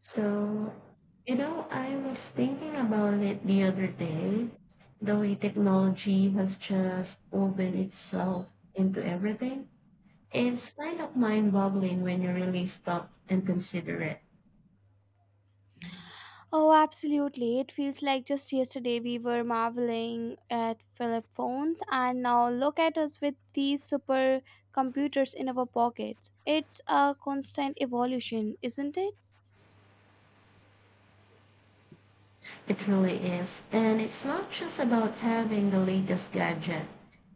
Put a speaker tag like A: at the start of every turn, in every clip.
A: So, I was thinking about it the other day, the way technology has just woven itself into everything. It's kind of mind-boggling when you really stop and consider it.
B: Oh, absolutely. It feels like just yesterday we were marveling at Philip phones, and now look at us with these super computers in our pockets. It's a constant evolution, isn't it?
A: It really is. And it's not just about having the latest gadget,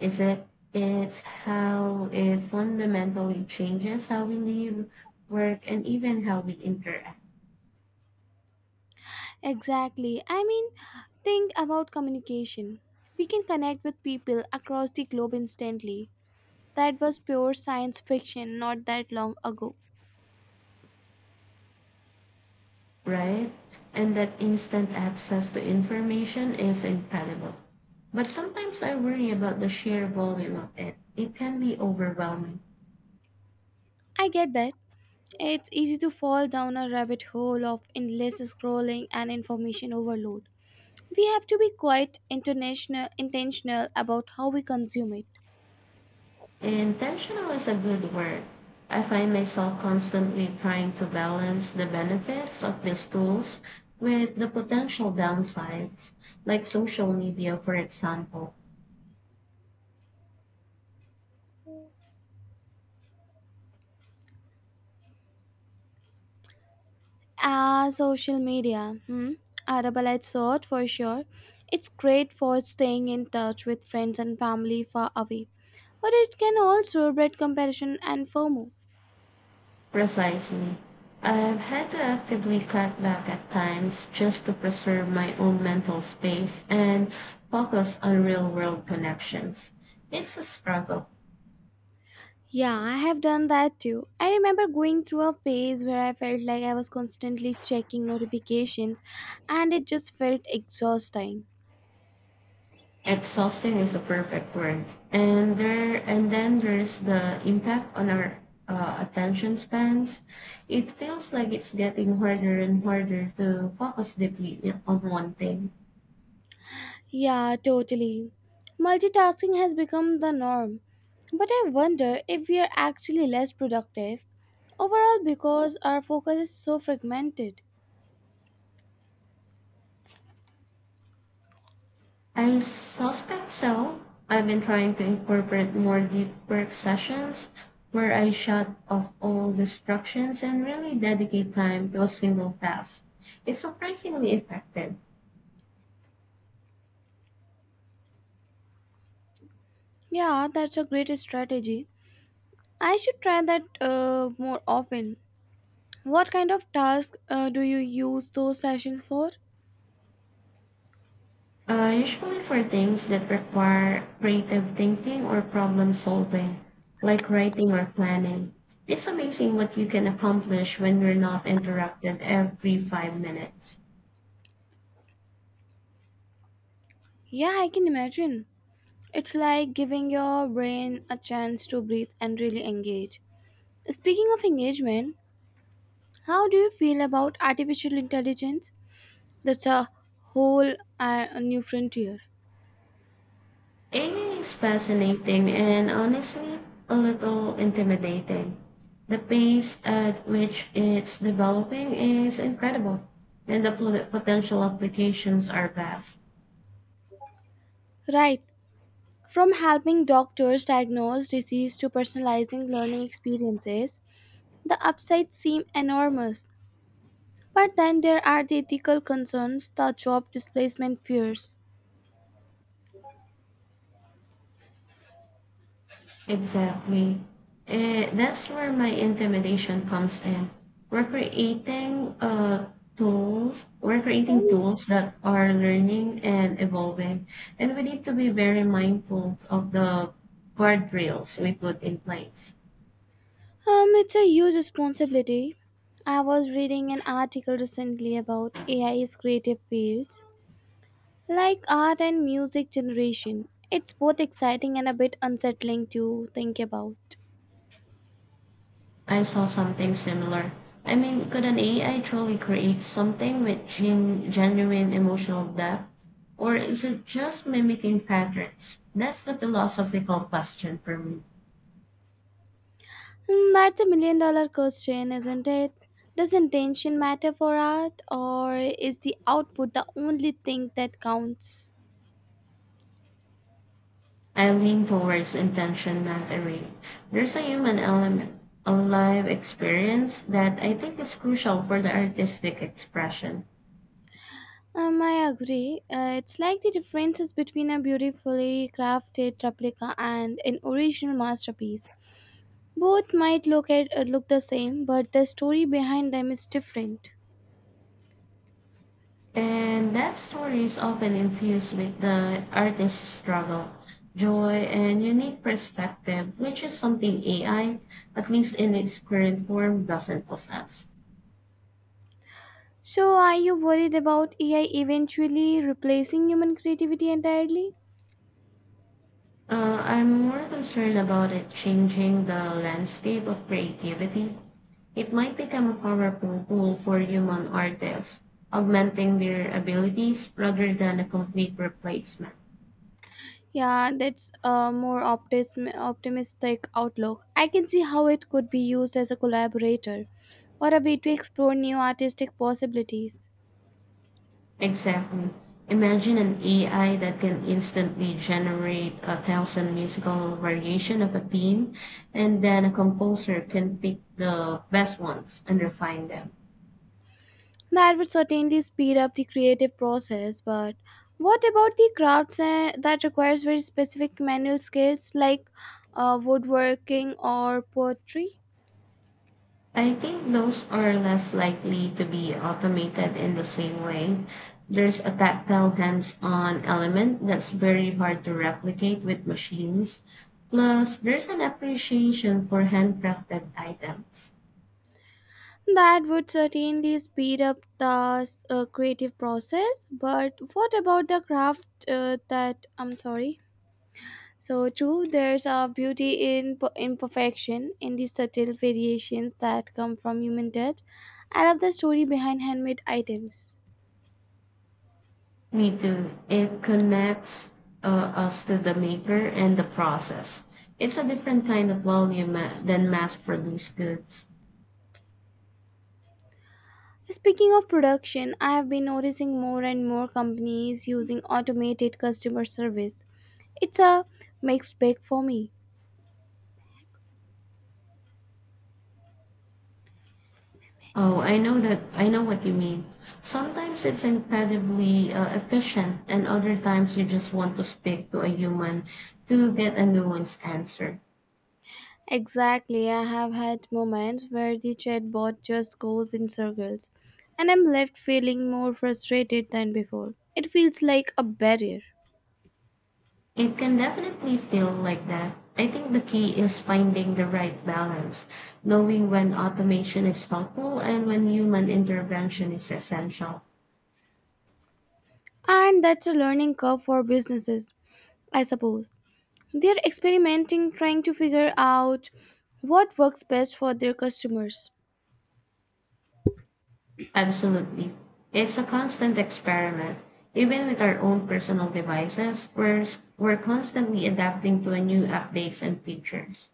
A: is it? It's how it fundamentally changes how we live, work, and even how we interact.
B: Exactly. I mean, think about communication. We can connect with people across the globe instantly. That was pure science fiction not that long ago.
A: Right? And that instant access to information is incredible. But sometimes I worry about the sheer volume of it. It can be overwhelming.
B: I get that. It's easy to fall down a rabbit hole of endless scrolling and information overload. We have to be quite international intentional about how we consume it.
A: Intentional is a good word. I find myself constantly trying to balance the benefits of these tools with the potential downsides, like social media, for example.
B: Ah, social media. Hmm. Arable, I thought for sure. It's great for staying in touch with friends and family far away, but it can also breed comparison and fomo.
A: Precisely. I've had to actively cut back at times just to preserve my own mental space and focus on real world connections. It's a struggle.
B: Yeah, I have done that too. I remember going through a phase where I felt like I was constantly checking notifications, and it just felt exhausting.
A: Exhausting is the perfect word. And there and then there's the impact on our attention spans. It feels like it's getting harder and harder to focus deeply on one thing.
B: Yeah, totally. Multitasking has become the norm. But I wonder if we are actually less productive overall because our focus is so fragmented.
A: I suspect so. I've been trying to incorporate more deep work sessions where I shut off all distractions and really dedicate time to a single task. It's surprisingly effective.
B: Yeah, that's a great strategy. I should try that more often. What kind of task do you use those sessions for?
A: Usually for things that require creative thinking or problem solving, like writing or planning. It's amazing what you can accomplish when you're not interrupted every 5 minutes.
B: Yeah, I can imagine. It's like giving your brain a chance to breathe and really engage. Speaking of engagement, how do you feel about artificial intelligence? That's a whole new frontier.
A: Amy is fascinating and honestly a little intimidating. The pace at which it's developing is incredible, and the potential applications are vast.
B: Right. From helping doctors diagnose disease to personalizing learning experiences, the upsides seem enormous. But then there are the ethical concerns, the job displacement fears.
A: Exactly. That's where my intimidation comes in. We're creating uh, we're creating tools that are learning and evolving, and we need to be very mindful of the guardrails we put in place.
B: It's a huge responsibility. I was reading an article recently about AI's creative fields, like art and music generation. It's both exciting and a bit unsettling to think about.
A: I saw something similar. I mean, could an AI truly create something with genuine emotional depth? Or is it just mimicking patterns? That's the philosophical question for me.
B: Hmm, that's a million dollar question, isn't it? Does intention matter for art, or is the output the only thing that counts?
A: I lean towards intention, not array. There's a human element, a live experience that I think is crucial for the artistic expression.
B: I agree. It's like the differences between a beautifully crafted replica and an original masterpiece. Both might look the same, but the story behind them is different.
A: And that story is often infused with the artist's struggle, joy, and unique perspective, which is something AI, at least in its current form, doesn't possess.
B: So, are you worried about AI eventually replacing human creativity entirely?
A: I'm more concerned about it changing the landscape of creativity. It might become a powerful tool for human artists, augmenting their abilities rather than a complete replacement.
B: Yeah, that's a more optimistic outlook. I can see how it could be used as a collaborator or a way to explore new artistic possibilities.
A: Exactly. Imagine an AI that can instantly generate a thousand musical variation of a theme, and then a composer can pick the best ones and refine them.
B: That would certainly speed up the creative process, but what about the crafts that requires very specific manual skills like woodworking or pottery?
A: I think those are less likely to be automated in the same way. There's a tactile, hands-on element that's very hard to replicate with machines. Plus, there's an appreciation for handcrafted items.
B: That would certainly speed up the creative process, but what about the craft that I'm sorry? So true, there's a beauty in imperfection, in the subtle variations that come from human touch. I love the story behind handmade items.
A: Me too. It connects us to the maker and the process. It's a different kind of volume than mass-produced goods.
B: Speaking of production, I have been noticing more and more companies using automated customer service. It's a mixed bag for me.
A: Oh, I know that. I know what you mean. Sometimes it's incredibly efficient, and other times you just want to speak to a human to get a nuanced answer.
B: Exactly, I have had moments where the chatbot just goes in circles, and I'm left feeling more frustrated than before. It feels like a barrier.
A: It can definitely feel like that. I think the key is finding the right balance, knowing when automation is helpful and when human intervention is essential.
B: And that's a learning curve for businesses, I suppose. They're experimenting, trying to figure out what works best for their customers.
A: Absolutely. It's a constant experiment. Even with our own personal devices, we're constantly adapting to a new updates and features.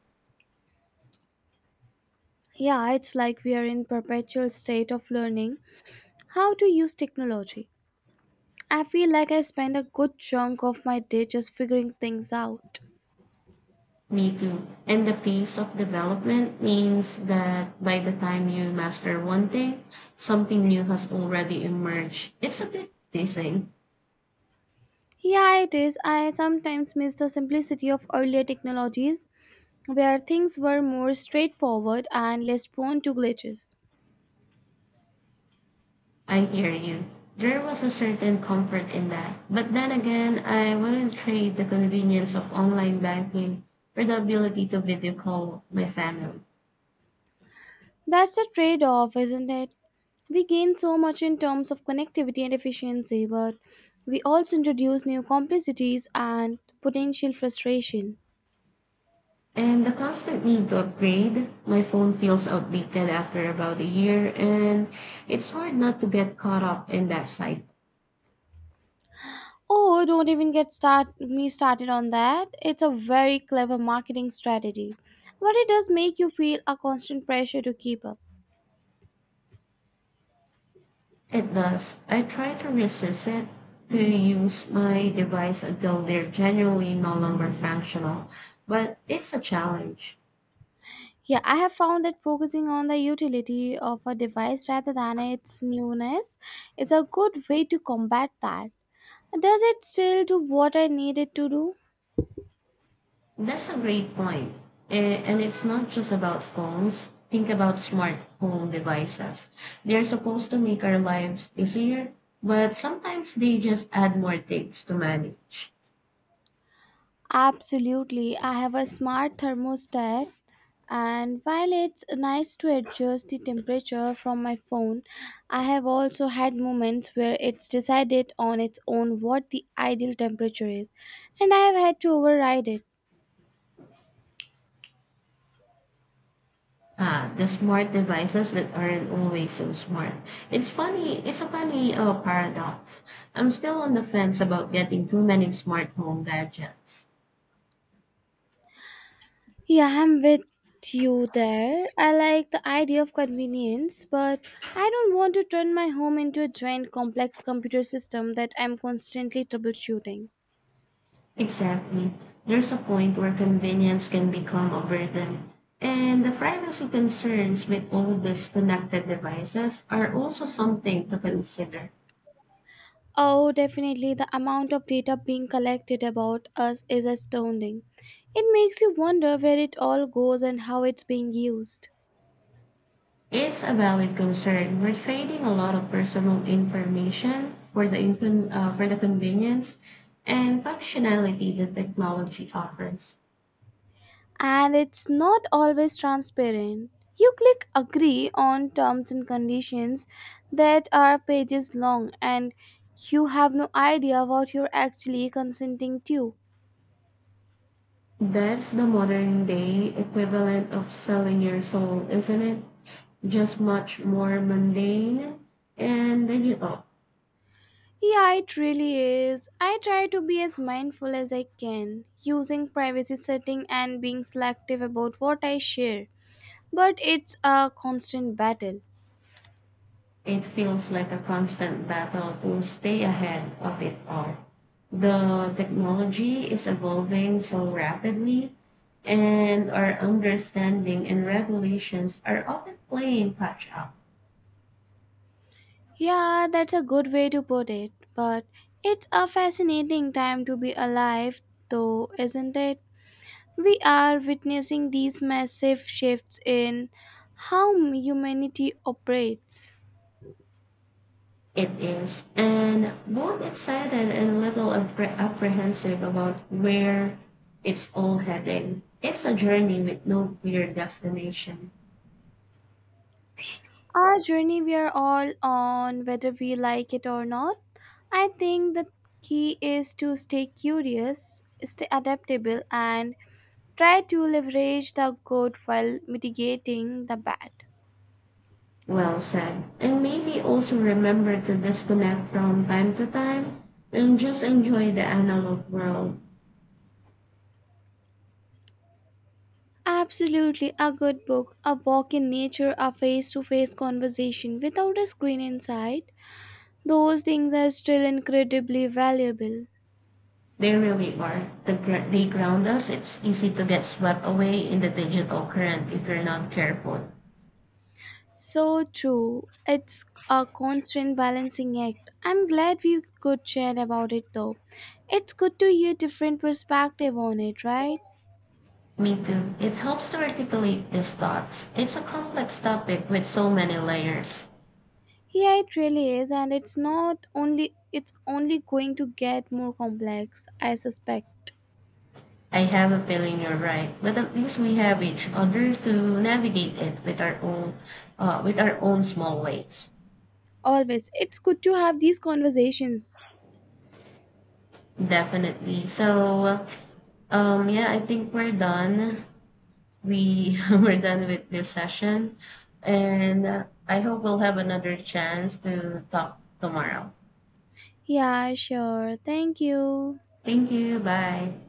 B: Yeah, it's like we are in perpetual state of learning how to use technology. I feel like I spend a good chunk of my day just figuring things out.
A: Me too. And the pace of development means that by the time you master one thing, something new has already emerged. It's a bit dizzying.
B: Yeah, it is. I sometimes miss the simplicity of earlier technologies where things were more straightforward and less prone to glitches.
A: I hear you. There was a certain comfort in that. But then again, I wouldn't trade the convenience of online banking for the ability to video call my family.
B: That's a trade off, isn't it? We gain so much in terms of connectivity and efficiency, but we also introduce new complexities and potential frustration.
A: And the constant need to upgrade. My phone feels outdated after about a year, and it's hard not to get caught up in that cycle.
B: Oh, don't even get start me started on that. It's a very clever marketing strategy, but it does make you feel a constant pressure to keep up.
A: It does. I try to resist it, to use my device until they're generally no longer functional, but it's a challenge.
B: Yeah, I have found that focusing on the utility of a device rather than its newness is a good way to combat that. Does it still do what I need it to do?
A: That's a great point. And it's not just about phones. Think about smart home devices. They're supposed to make our lives easier, but sometimes they just add more things to manage.
B: Absolutely. I have a smart thermostat, and while it's nice to adjust the temperature from my phone, I have also had moments where it's decided on its own what the ideal temperature is, and I have had to override it.
A: Ah, the smart devices that aren't always so smart. It's a funny paradox. I'm still on the fence about getting too many smart home gadgets.
B: Yeah, I'm with you there. I like the idea of convenience, but I don't want to turn my home into a giant complex computer system that I'm constantly troubleshooting.
A: Exactly. There's a point where convenience can become a burden. And the privacy concerns with all these connected devices are also something to consider.
B: Oh, definitely. The amount of data being collected about us is astounding. It makes you wonder where it all goes and how it's being used.
A: Is a valid concern. We're trading a lot of personal information for the convenience and functionality that technology offers.
B: And it's not always transparent. You click agree on terms and conditions that are pages long, and you have no idea what you're actually consenting to.
A: That's the modern day equivalent of selling your soul, isn't it? Just much more mundane and digital.
B: Yeah, it really is. I try to be as mindful as I can, using privacy setting and being selective about what I share. But it's a constant battle.
A: It feels like a constant battle to stay ahead of it all. The technology is evolving so rapidly, and our understanding and regulations are often playing catch up.
B: Yeah, that's a good way to put it. But it's a fascinating time to be alive, though, isn't it? We are witnessing these massive shifts in how humanity operates.
A: It is, and both excited and a little apprehensive about where it's all heading. It's a journey with no clear destination.
B: Our journey we are all on, whether we like it or not. I think the key is to stay curious, stay adaptable, and try to leverage the good while mitigating the bad.
A: Well said. And maybe also remember to disconnect from time to time and just enjoy the analog world.
B: Absolutely, a good book, a walk in nature, a face to face conversation without a screen inside. Those things are still incredibly valuable.
A: They really are. They ground us. It's easy to get swept away in the digital current if you're not careful.
B: So true. It's a constant balancing act. I'm glad we could chat about it though. It's good to hear different perspective on it, right?
A: Me too. It helps to articulate these thoughts. It's a complex topic with so many layers.
B: Yeah, it really is and it's not only it's only going to get more complex, I suspect.
A: I have a feeling you're right, but at least we have each other to navigate it with our own small ways.
B: Always. It's good to have these conversations.
A: Definitely. So. Yeah, I think we're done. We We're done with this session, and I hope we'll have another chance to talk tomorrow.
B: Yeah, sure. Thank you.
A: Thank you. Bye.